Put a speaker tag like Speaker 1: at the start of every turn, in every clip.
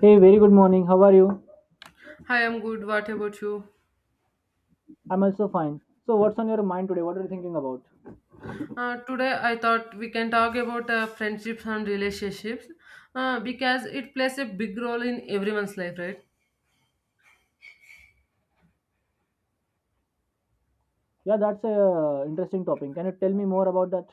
Speaker 1: Hey, very good morning. How are you?
Speaker 2: Hi, I'm good. What about you?
Speaker 1: I'm also fine. So, what's on your mind today? What are you thinking about?
Speaker 2: Today, I thought we can talk about friendships and relationships, because it plays a big role in everyone's life, right?
Speaker 1: Yeah, that's a interesting topic. Can you tell me more about that?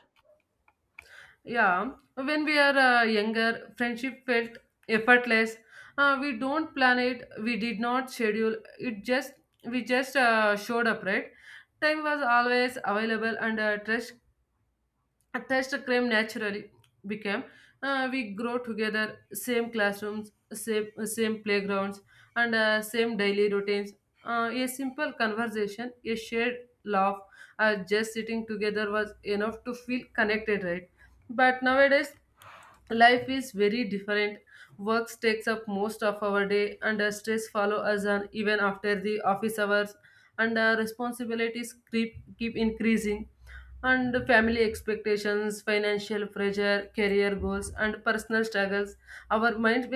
Speaker 2: Yeah, when we are younger, friendship felt effortless. We don't plan it. We did not schedule. It just we just showed up, right? Time was always available, and trust. At times the crime naturally became, we grow together, same classrooms, same playgrounds, and same daily routines. A simple conversation, a shared laugh, just sitting together was enough to feel connected, right? But nowadays, life is very different. Work takes up most of our day, and stress follow us on even after the office hours, and responsibilities keep increasing, and family expectations, financial pressure, career goals, and personal struggles. Our minds,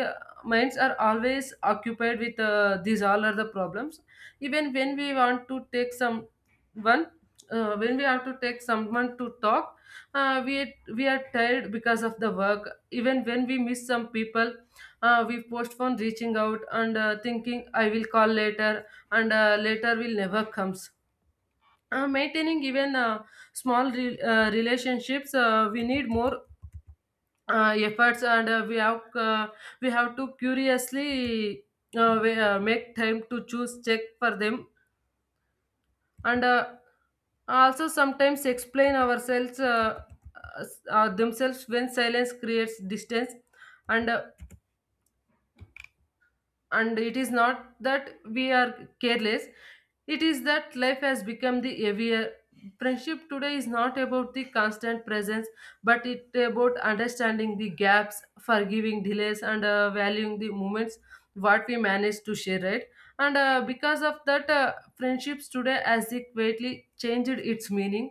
Speaker 2: minds are always occupied with these all are the problems. Even when we want to take some one, when we have to take someone to talk, we are tired because of the work. Even when we miss some people, we postpone reaching out and thinking, I will call later, and later will never come. Maintaining even small relationships, we need more efforts, and we have to curiously, we, make time to choose check for them, and also sometimes explain ourselves, themselves when silence creates distance, and uh, and it is not that we are careless, it is that life has become the heavier. Friendship today is not about the constant presence, but it about understanding the gaps, forgiving delays, and valuing the moments what we manage to share, right? And because of that, friendships today has it greatly changed its meaning.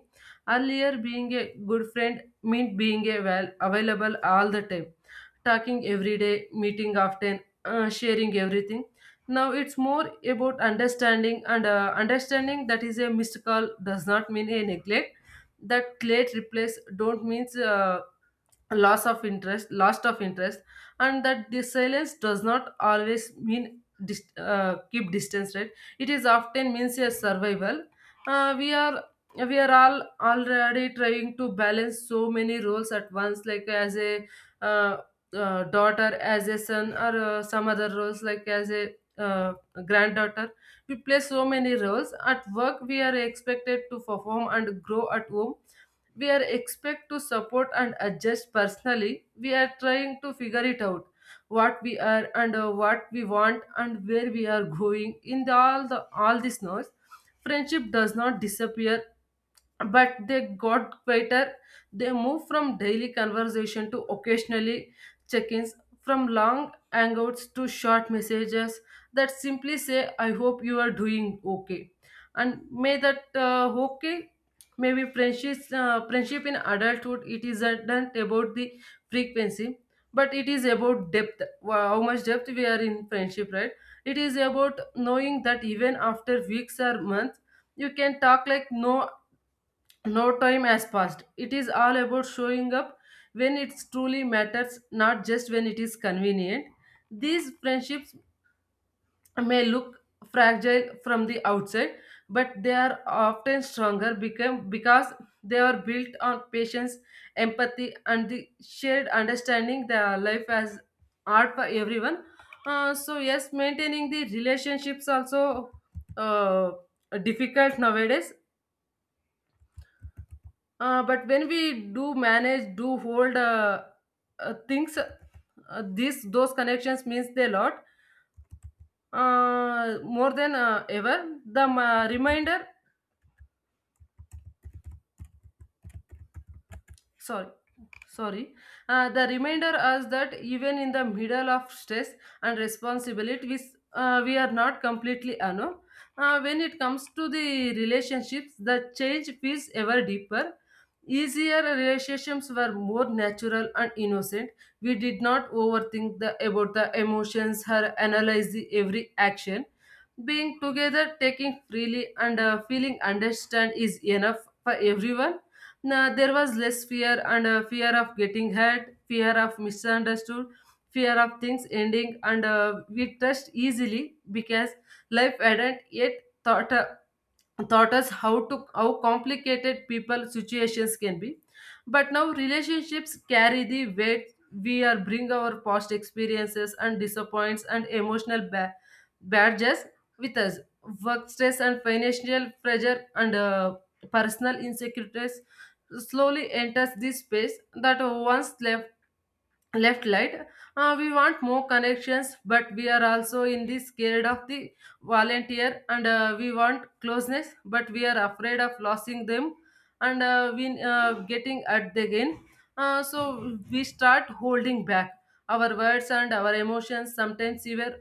Speaker 2: Earlier being a good friend meant being a well available all the time, talking every day, meeting often, sharing everything. Now it's more about understanding and understanding that is a missed call does not mean a neglect. That late replace don't means loss of interest, lost of interest, and that the silence does not always mean keep distance, right? It is often means a survival. Uh, we are we are all already trying to balance so many roles at once, like as a, uh, daughter, as a son, or some other roles like as a granddaughter. We play so many roles. At work we are expected to perform and grow, at home we are expect to support and adjust, personally we are trying to figure it out what we are and what we want and where we are going in the all this noise. Friendship does not disappear, but they got quieter. They moved from daily conversation to occasionally check ins, from long hangouts to short messages that simply say, I hope you are doing okay. And may that okay, maybe friendship, friendship in adulthood, it isn't about the frequency, but it is about depth. Wow, how much depth we are in friendship, right? It is about knowing that even after weeks or months, you can talk like no time has passed. It is all about showing up when it truly matters, not just when it is convenient. These friendships may look fragile from the outside, but they are often stronger become, because they are built on patience, empathy, and the shared understanding that life has art for everyone. So, yes, maintaining the relationships also uh, difficult nowadays. But when we do manage, do hold, things, these those connections means a lot more than ever. The reminder, sorry, sorry, the reminder us that even in the middle of stress and responsibility, we are not completely alone. When it comes to the relationships, the change feels ever deeper. Easier relationships were more natural and innocent. We did not overthink the about the emotions or analyze the every action. Being together, taking freely, and feeling understand is enough for everyone. Now, there was less fear, and fear of getting hurt, fear of misunderstood, fear of things ending, and we trust easily because life hadn't yet taught Uh, taught us how to how complicated people situations can be. But now relationships carry the weight. We are bring our past experiences and disappoints and emotional badges with us. Work stress and financial pressure and personal insecurities slowly enters this space that once left light. We want more connections but we are also in this scared of the volunteer, and we want closeness but we are afraid of losing them, and we getting at the again. So we start holding back our words and our emotions, sometimes even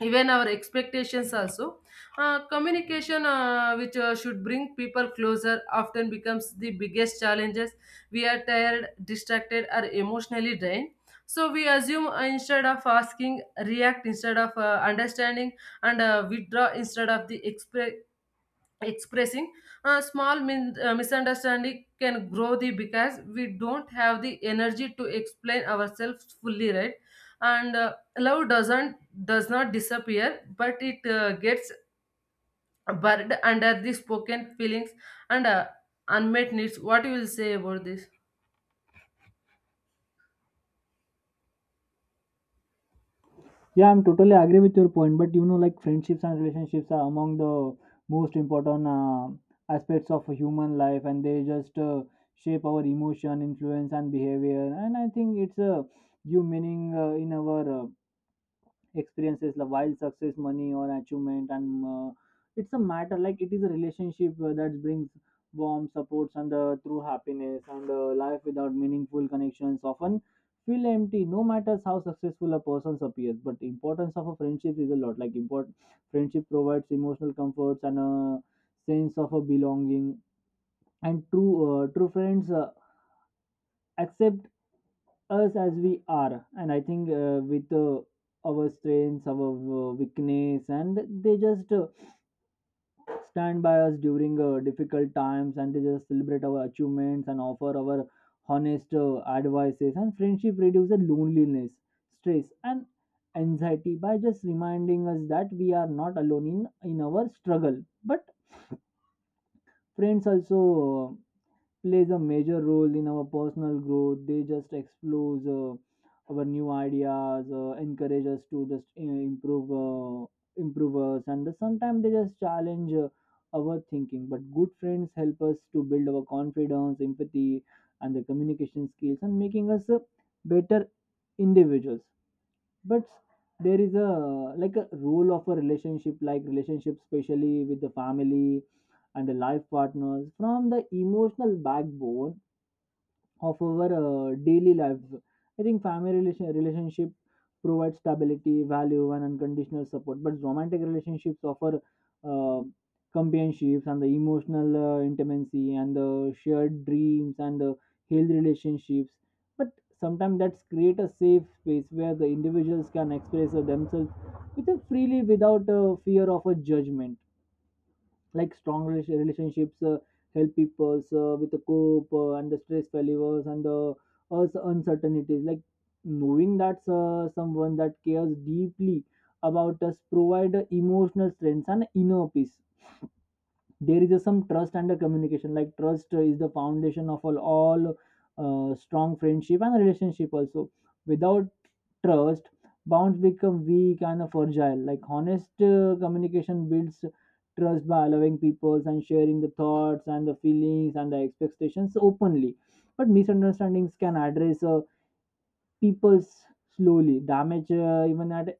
Speaker 2: even our expectations also. Communication, which should bring people closer, often becomes the biggest challenges. We are tired, distracted, or emotionally drained, so we assume instead of asking, react instead of understanding, and withdraw instead of the expressing. A small misunderstanding can grow the because we don't have the energy to explain ourselves fully, right? And love does not disappear, but it gets buried under the spoken feelings and unmet needs. What you will say about this?
Speaker 1: Yeah, I'm totally agree with your point, but you know, like friendships and relationships are among the most important aspects of human life, and they just shape our emotion, influence, and behavior. And I think it's a give meaning in our experiences like while success money or achievement and it's a matter like it is a relationship that brings warm supports and true happiness and life without meaningful connections often feel empty no matter how successful a person appears. But the importance of a friendship is a lot like important. Friendship provides emotional comforts and a sense of a belonging, and true true friends accept us as we are, and I think with our strengths, our weakness, and they just stand by us during difficult times, and they just celebrate our achievements and offer our honest advices. And friendship reduces loneliness, stress, and anxiety by just reminding us that we are not alone in our struggle. But friends also plays a major role in our personal growth. They just explores our new ideas, encourage us to just you know, improve, improve us, and sometimes they just challenge our thinking. But good friends help us to build our confidence, empathy, and the communication skills, and making us better individuals. But there is a like a rule of a relationship, like relationship, especially with the family and the life partners from the emotional backbone of our daily lives. I think family relationship provides stability, value, and unconditional support, but romantic relationships offer uh, companionships and the emotional intimacy and the shared dreams and the healthy relationships. But sometimes that's create a safe space where the individuals can express themselves with a freely without a fear of a judgment, like strong relationships help people with the cope and the stress failures and the also uncertainties, like knowing that someone that cares deeply about us provide emotional strength and inner peace. There is a some trust and a communication, like trust is the foundation of all strong friendship and relationship also. Without trust, bonds become weak and fragile, like honest communication builds trust by allowing people and sharing the thoughts and the feelings and the expectations openly. But misunderstandings can address people's slowly damage even at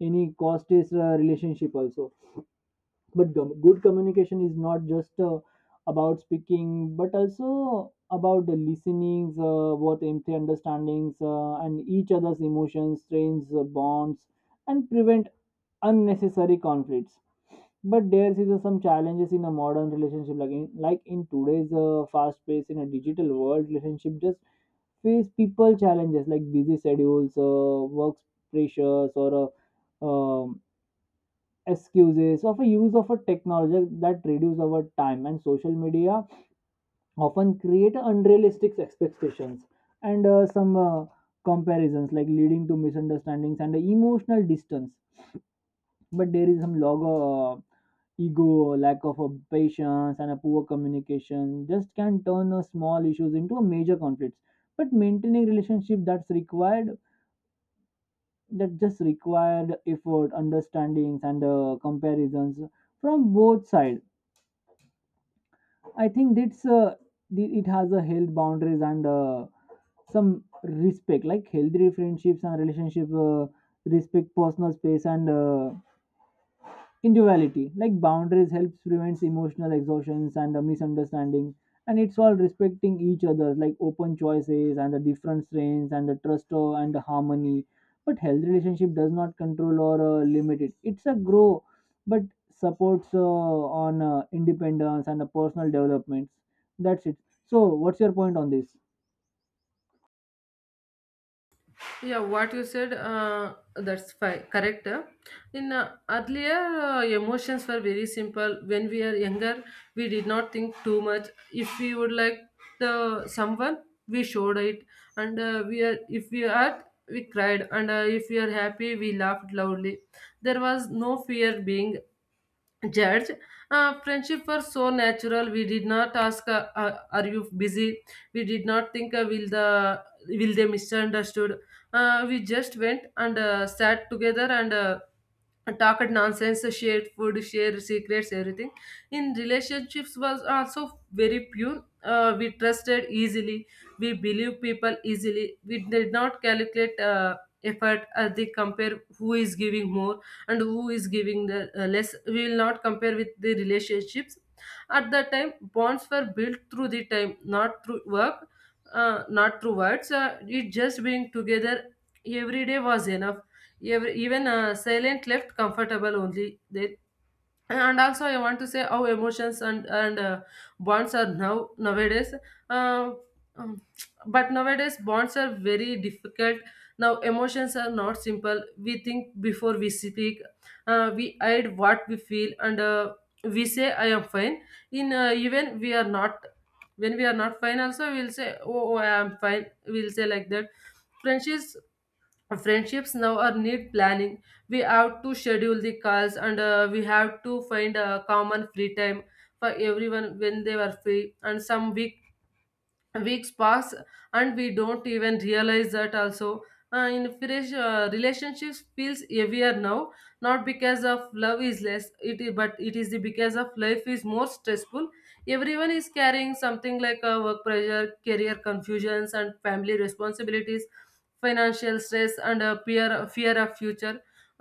Speaker 1: any cost is relationship also. But gum good communication is not just about speaking, but also about the listenings what empty understandings and each other's emotions strains bonds and prevent unnecessary conflicts. But there is some challenges in a modern relationship, like like in today's fast pace in a digital world relationship just face people challenges like busy schedules, work pressures, or um, excuses of a use of a technology that reduce our time, and social media often create unrealistic expectations and some comparisons, like leading to misunderstandings and emotional distance. But there is some log ego, lack of patience, and a poor communication just can turn small issues into a major conflicts. But maintaining relationship that's required that just required effort, understandings, and comparisons from both sides. I think that's it has a health boundaries and some respect, like healthy friendships and relationships respect personal space and individuality, like boundaries helps prevents emotional exhaustions and the misunderstanding, and it's all respecting each other, like open choices and the different strains and the trust and the harmony. But health relationship does not control or limit it, it's a grow but supports on independence and the personal developments. That's it. So what's your point on this?
Speaker 2: Yeah, what you said, that's correct. In earlier, emotions were very simple. When we are younger, we did not think too much. If we would like the someone, we showed it, and we are if we are we cried, and if we are happy, we laughed loudly. There was no fear being judge. Friendship was so natural, we did not ask, are you busy, we did not think, will they misunderstood. We just went and sat together and talked nonsense, shared food, shared secrets, everything. In relationships was also very pure, we trusted easily, we believe people easily, we did not calculate effort as they compare who is giving more and who is giving the less, we will not compare with the relationships at that time. Bonds were built through the time, not through work, not through words, it just being together every day was enough. Even silent left comfortable only there. And also I want to say how emotions and bonds are now nowadays. uh, um, but nowadays bonds are very difficult. Now emotions are not simple, we think before we speak, we hide what we feel, and we say, I am fine. In even we are not, when we are not fine also, we'll say, oh, oh, I am fine, we'll say like that. Friendships friendships now are need planning, we have to schedule the calls, and we have to find a common free time for everyone, when they were free, and some weeks pass and we don't even realize that also. In fresh relationships feels heavier now, not because of love is less it is, but it is the because of life is more stressful. Everyone is carrying something like a work pressure, career confusions, and family responsibilities, financial stress, and a fear of future.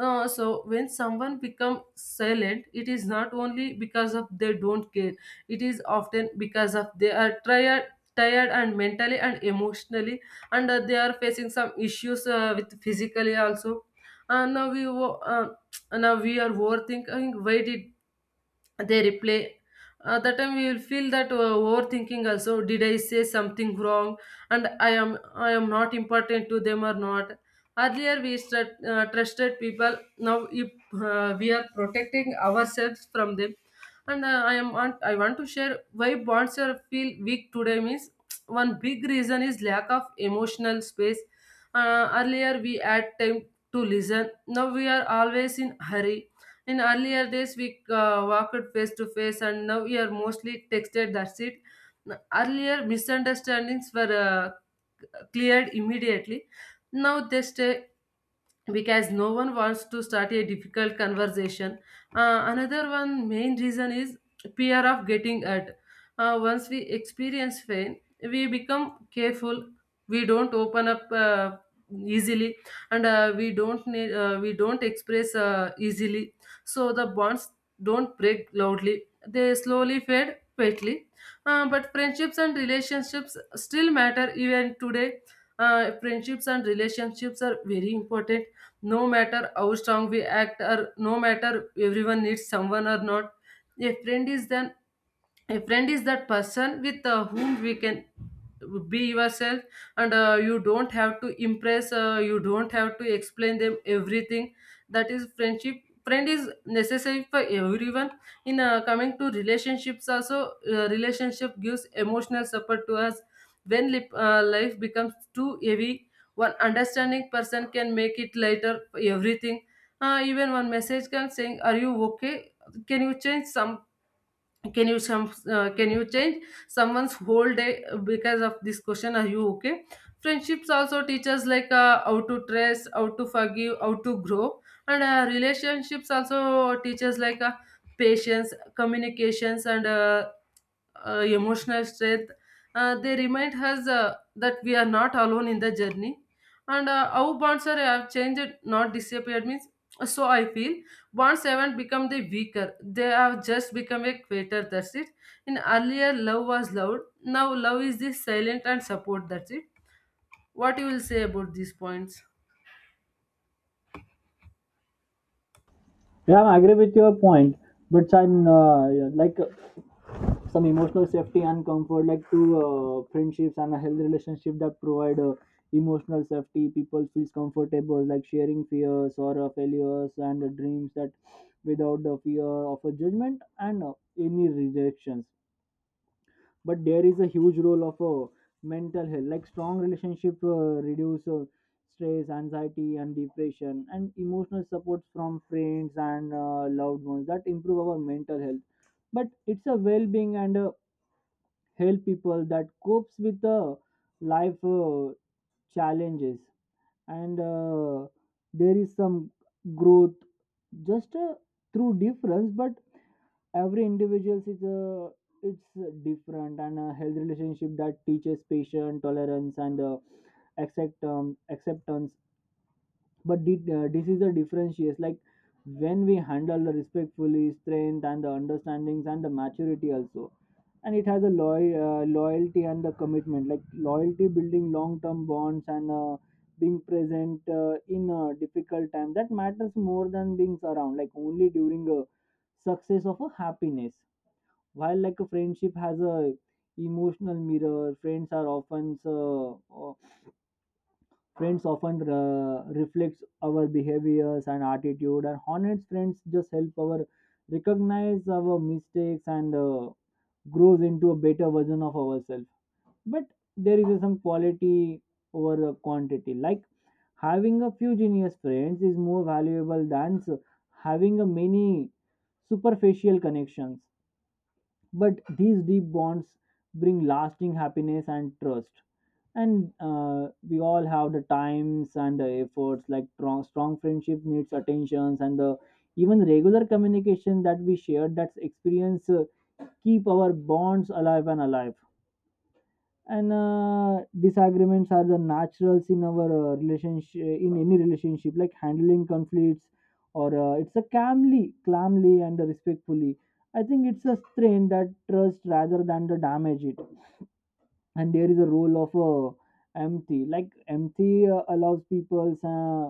Speaker 2: So when someone become silent, it is not only because of they don't care, it is often because of they are tired and mentally and emotionally, and they are facing some issues, with physically also. And now we are overthinking, why did they replay, that time we will feel that, overthinking also, did I say something wrong, and I am not important to them or not. Earlier we trusted people, now if, we are protecting ourselves from them. And I want to share why bonds are feel weak today means one big reason is lack of emotional space. Earlier we had time to listen, now we are always in hurry. In earlier days, we walked face to face, and now we are mostly texted, that's it. Earlier, misunderstandings were cleared immediately. Now they stay because no one wants to start a difficult conversation. Another one main reason is fear of getting hurt. Once we experience pain, we become careful. We don't open up easily, and we don't express easily. So the bonds don't break loudly, they slowly fade quietly. But friendships and relationships still matter even today. Friendships and relationships are very important, no matter how strong we act or no matter everyone needs someone or not. a friend is then a friend is that person with whom we can be yourself, and you don't have to impress, you don't have to explain them everything. That is friendship. Friend is necessary for everyone. In Coming to relationships also, relationship gives emotional support to us. When life becomes too heavy, one understanding person can make it lighter for everything. Even one message can saying, are you okay, can you change some, can you some, can you change someone's whole day because of this question, are you okay? Friendships also teach us, like, how to trust, how to forgive, how to grow. And relationships also teach us, like, patience, communications, and emotional strength. They remind us that we are not alone in the journey. And how bonds are have changed, not disappeared means. So I feel bonds haven't become the weaker. They have just become a quieter. That's it. In earlier, love was loud. Now love is this silent and support. That's it. What you will say about these points?
Speaker 1: Yeah, I agree with your point, but I'm like some emotional safety and comfort like to friendships and a healthy relationship that provide emotional safety. People feels comfortable like sharing fears or failures and dreams that without the fear of a judgment and any rejections. But there is a huge role of mental health, like strong relationship reduce stress, anxiety, and depression, and emotional support from friends and loved ones that improve our mental health, but it's a well-being and help people that copes with the life challenges. And there is some growth just through difference, but every individual is it's different, and a health relationship that teaches patience, tolerance, and acceptance. But this is the differentiates, like when we handle the respectfully strength and the understandings and the maturity also. And it has a loyalty and the commitment, like loyalty building long term bonds, and being present in a difficult time that matters more than being around, like only during a success of a happiness. While like a friendship has a emotional mirror, friends often reflects our behaviors and attitude, and honest friends just help our recognize our mistakes and grows into a better version of ourselves. But there is some quality over the quantity. Like having a few genius friends is more valuable than having a many superficial connections. But these deep bonds bring lasting happiness and trust. And we all have the times and the efforts, like strong friendship needs attentions and the even regular communication that we share, that's experience keep our bonds alive. And disagreements are the naturals in our relationship in any relationship, like handling conflicts or it's a calmly and respectfully. I think it's a strain that trust rather than the damage it. And there is a role of empathy, like empathy allows people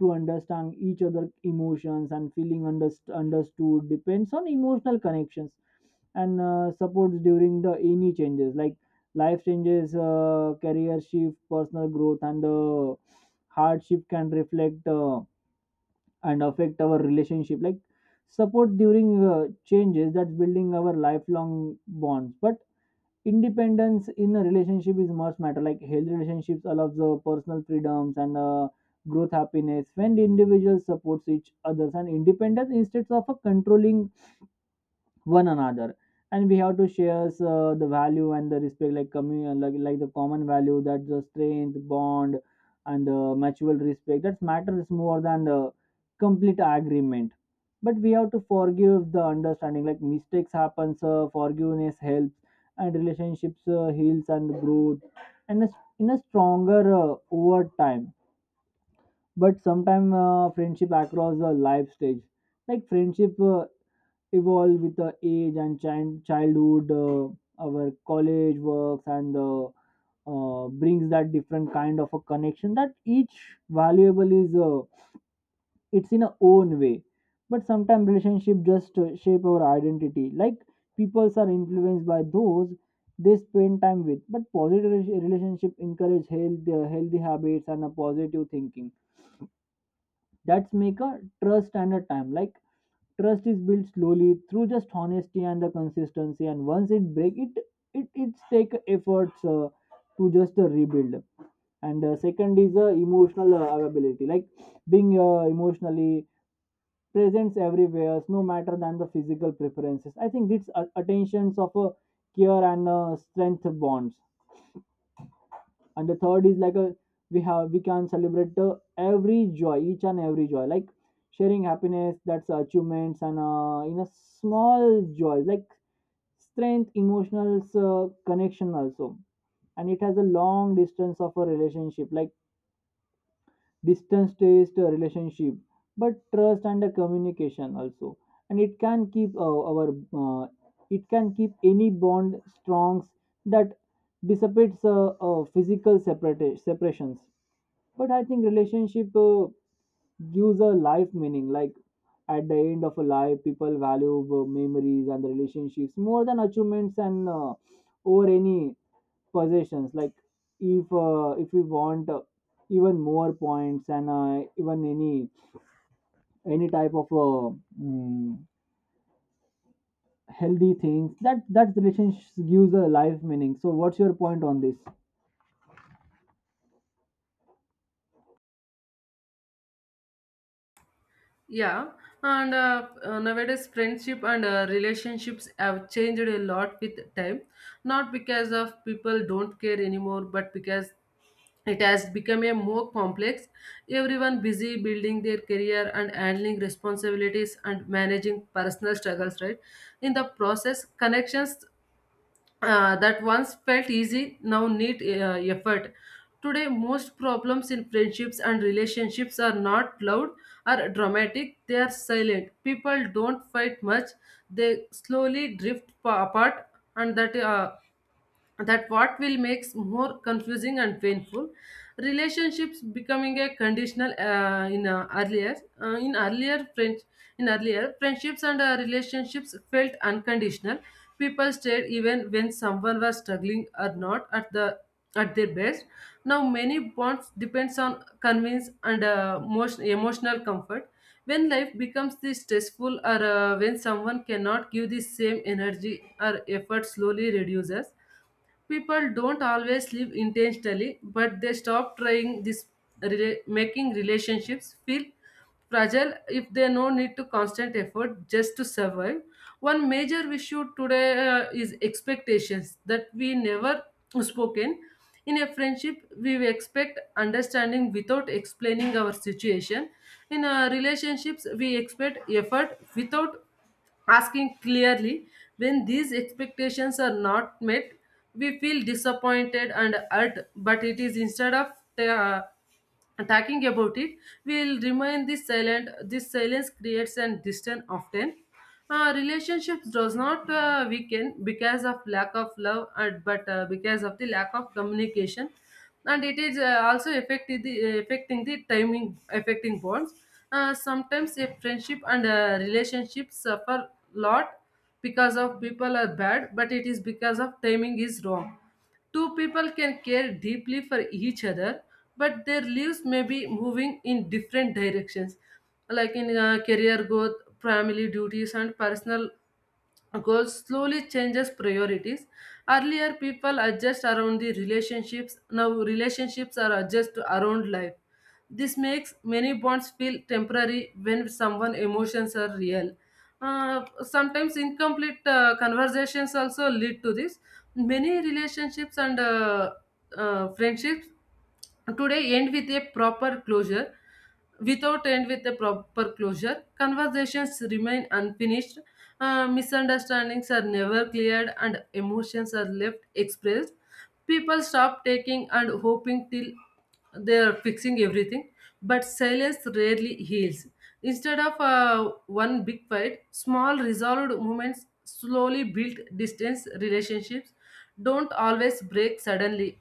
Speaker 1: to understand each other emotions and feeling understood depends on emotional connections and supports during the any changes, like life changes, career shift, personal growth, and hardship can reflect and affect our relationship, like support during changes that's building our lifelong bonds. But independence in a relationship is much matter, like healthy relationships allows the personal freedoms and growth happiness when the individual supports each others and independence instead of a controlling one another. And we have to share the value and the respect, like the common value that the strength bond and the mutual respect that matters more than the complete agreement. But we have to forgive the understanding, like mistakes happens, forgiveness helps and relationships heals and growth and in a stronger over time. But sometimes friendship across the life stage, like friendship evolve with the age, and childhood, our college works, and brings that different kind of a connection that each valuable is it's in a own way. But sometimes relationship just shape our identity. Like peoples are influenced by those they spend time with. But positive relationship encourage healthy habits and a positive thinking. That's make a trust and a time, like trust is built slowly through just honesty and the consistency. And once it break, it it's take efforts to just rebuild. And second is emotional availability, like being emotionally presence everywhere, no matter than the physical preferences. I think it's attentions of a care and strength bonds. And the third is like a we have we can celebrate every joy, each and every joy, like sharing happiness that's achievements and in a small joy, like strength emotional connection also. And it has a long distance of a relationship, like distance based relationship but trust and the communication also. And it can keep our uh, it can keep any bond strong, that dissipates physical separate separations. But I think relationship gives a life meaning, like at the end of a life people value memories and the relationships more than achievements and over any possessions. Like if we want even more points and even any type of mm, healthy things that that relationship gives a life meaning. So what's your point on this?
Speaker 2: Yeah, and nowadays friendship and relationships have changed a lot with time. Not because of people don't care anymore, but because it has become a more complex. Everyone busy building their career and handling responsibilities and managing personal struggles. Right, in the process, connections that once felt easy now need effort. Today, most problems in friendships and relationships are not loud or dramatic, they are silent. People don't fight much, they slowly apart, and that what will makes more confusing and painful. Relationships becoming a conditional, in earlier friendships and relationships felt unconditional. People stayed even when someone was struggling or not at the at their best. Now many bonds depends on convenience and most emotional comfort. When life becomes this stressful or when someone cannot give the same energy or effort slowly reduces. People don't always live intentionally, but they stop trying this, making relationships feel fragile if they no need to constant effort just to survive. One major issue today is expectations that we never spoken. In a friendship, we expect understanding without explaining our situation. In relationships, we expect effort without asking clearly. When these expectations are not met, we feel disappointed and hurt, but it is instead of uh, talking about it, we will remain this silent. This silence creates an distance often. Relationships does not weaken because of lack of love and, but because of the lack of communication. And it is also affected the affecting the timing, affecting bonds. Sometimes a friendship and a relationship suffer lot because of people are bad, but it is because of timing is wrong. Two people can care deeply for each other, but their lives may be moving in different directions, like in career growth, family duties, and personal goals slowly changes priorities. Earlier people adjust around the relationships, now relationships are adjust around life. This makes many bonds feel temporary when someone emotions are real. Uh, Sometimes incomplete conversations also lead to this. Many relationships and friendships today end with a proper closure. Without end with a proper closure, conversations remain unfinished, misunderstandings are never cleared, and emotions are left expressed. People stop taking and hoping till they are fixing everything, but silence rarely heals. Instead of one big fight, small resolved moments slowly build distance. Relationships don't always break suddenly,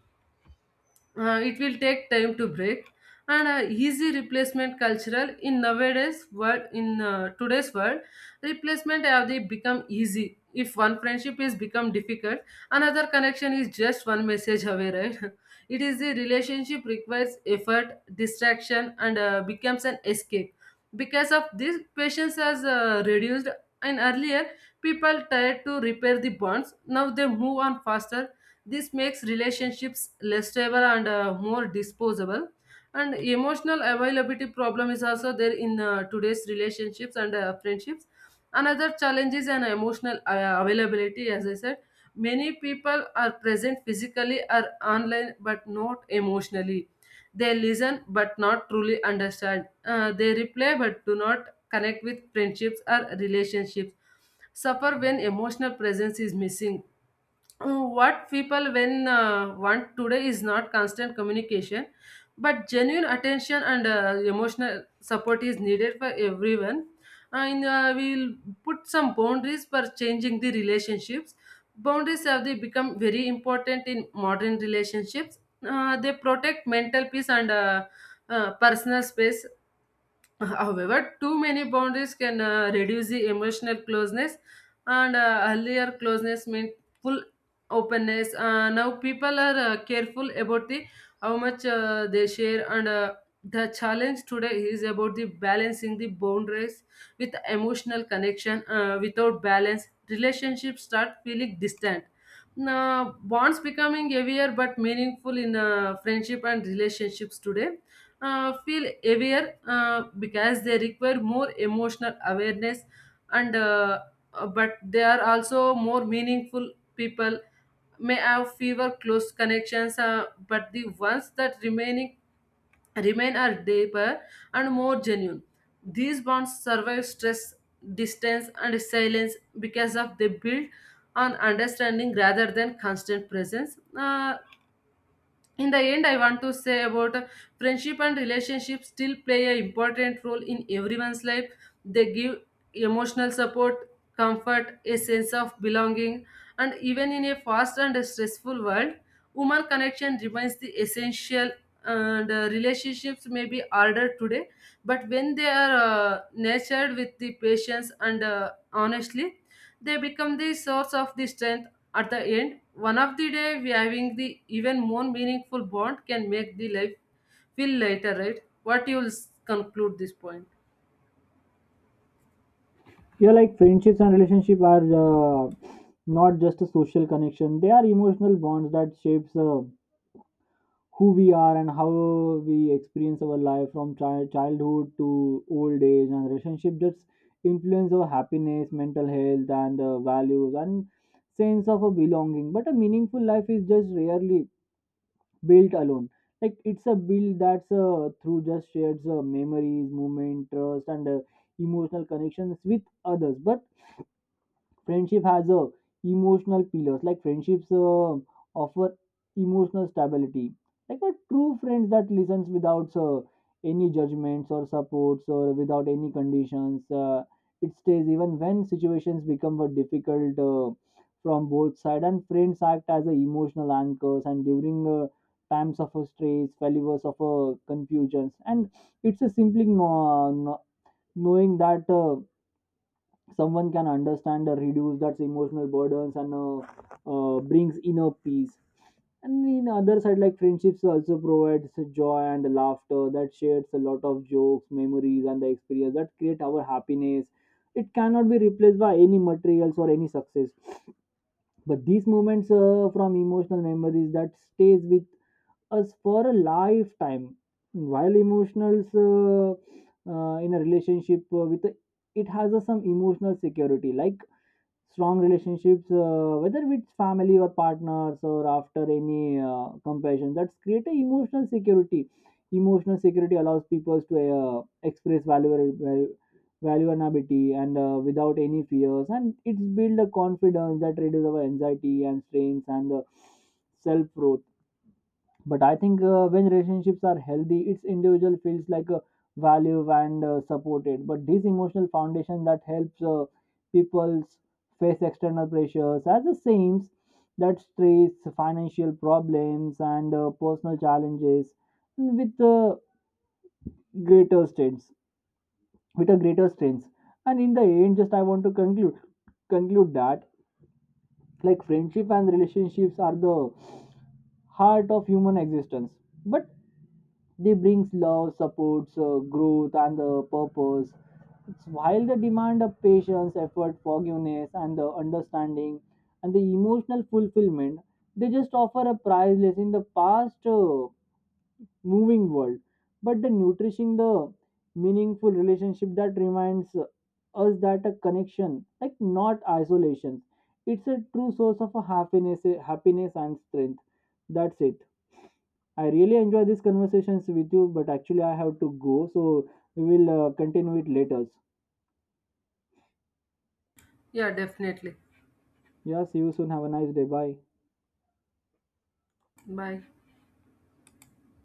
Speaker 2: it will take time to break. And easy replacement cultural in nowadays world, in today's world replacement have they become easy. If one friendship is become difficult, another connection is just one message away, right? It is the relationship requires effort distraction and becomes an escape. Because of this, patience has reduced. And earlier, people tried to repair the bonds, now they move on faster. This makes relationships less stable and more disposable. And emotional availability problem is also there in today's relationships and friendships. Another challenge is an emotional availability, as I said. Many people are present physically or online but not emotionally. They listen but not truly understand. They reply but do not connect with friendships or relationships. Suffer when emotional presence is missing. Oh, what people when want today is not constant communication, but genuine attention, and emotional support is needed for everyone. And we'll put some boundaries for changing the relationships. Boundaries have they become very important in modern relationships. They protect mental peace and personal space. However, too many boundaries can reduce the emotional closeness, and earlier closeness meant full openness. Now people are careful about the how much they share, and the challenge today is about the balancing the boundaries with emotional connection. Without balance, relationships start feeling distant. Now, bonds becoming heavier but meaningful in friendship and relationships today feel aware because they require more emotional awareness, and but they are also more meaningful. People may have fewer close connections, but the ones that remain are deeper and more genuine. These bonds survive stress, distance and silence, because of they build on understanding rather than constant presence. In the end, I want to say about friendship and relationships still play an important role in everyone's life. They give emotional support, comfort, a sense of belonging. And even in a fast and stressful world, human connection remains the essential. And relationships may be harder today, but when they are nurtured with the patience and honestly, they become the source of the strength. At the end one of the day we having the even more meaningful bond can make the life feel lighter, right? what you will s- conclude this point?
Speaker 1: Yeah, like friendships and relationship are not just a social connection, they are emotional bonds that shapes who we are and how we experience our life from childhood to old age, and relationship just influence our happiness, mental health, and values and sense of a belonging. But a meaningful life is just rarely built alone, like it's a build that's through just shared memories, movement, trust, and emotional connections with others. But friendship has a emotional pillars, like friendships offer emotional stability, like a true friend that listens without any judgments or supports or without any conditions. It stays even when situations become difficult from both sides. And friends act as a emotional anchors, and during times of a stress, failures, of a confusions, and it's a simply knowing that someone can understand or reduce that emotional burdens, and brings inner peace. And in other side, like friendships also provides joy and laughter, that shares a lot of jokes, memories, and the experience that create our happiness. It cannot be replaced by any materials or any success. But these moments from emotional memories that stays with us for a lifetime. While emotionals in a relationship it has a some emotional security, like strong relationships, whether with family or partners or after any compassion, that's create a emotional security. Emotional security allows people to express value vulnerability and without any fears, and it's build a confidence that reduces our anxiety and strains and self growth. But I think when relationships are healthy, its individual feels like a value and supported. But this emotional foundation that helps people's face external pressures as the same, that stress, financial problems, and personal challenges with greater strengths with a greater strength. And in the end, just I want to conclude that like friendship and relationships are the heart of human existence. But they brings love, supports, growth, and purpose. It's while they demand of patience, effort, forgiveness, and the understanding, and the emotional fulfillment, they just offer a priceless in the past moving world. But the nourishing the meaningful relationship that reminds us that a connection, like not isolation, it's a true source of a happiness and strength. That's it. I really enjoy these conversations with you, but actually, I have to go, so we will continue it later.
Speaker 2: Yeah, definitely.
Speaker 1: Yeah, see you soon. Have a nice day. Bye.
Speaker 2: Bye.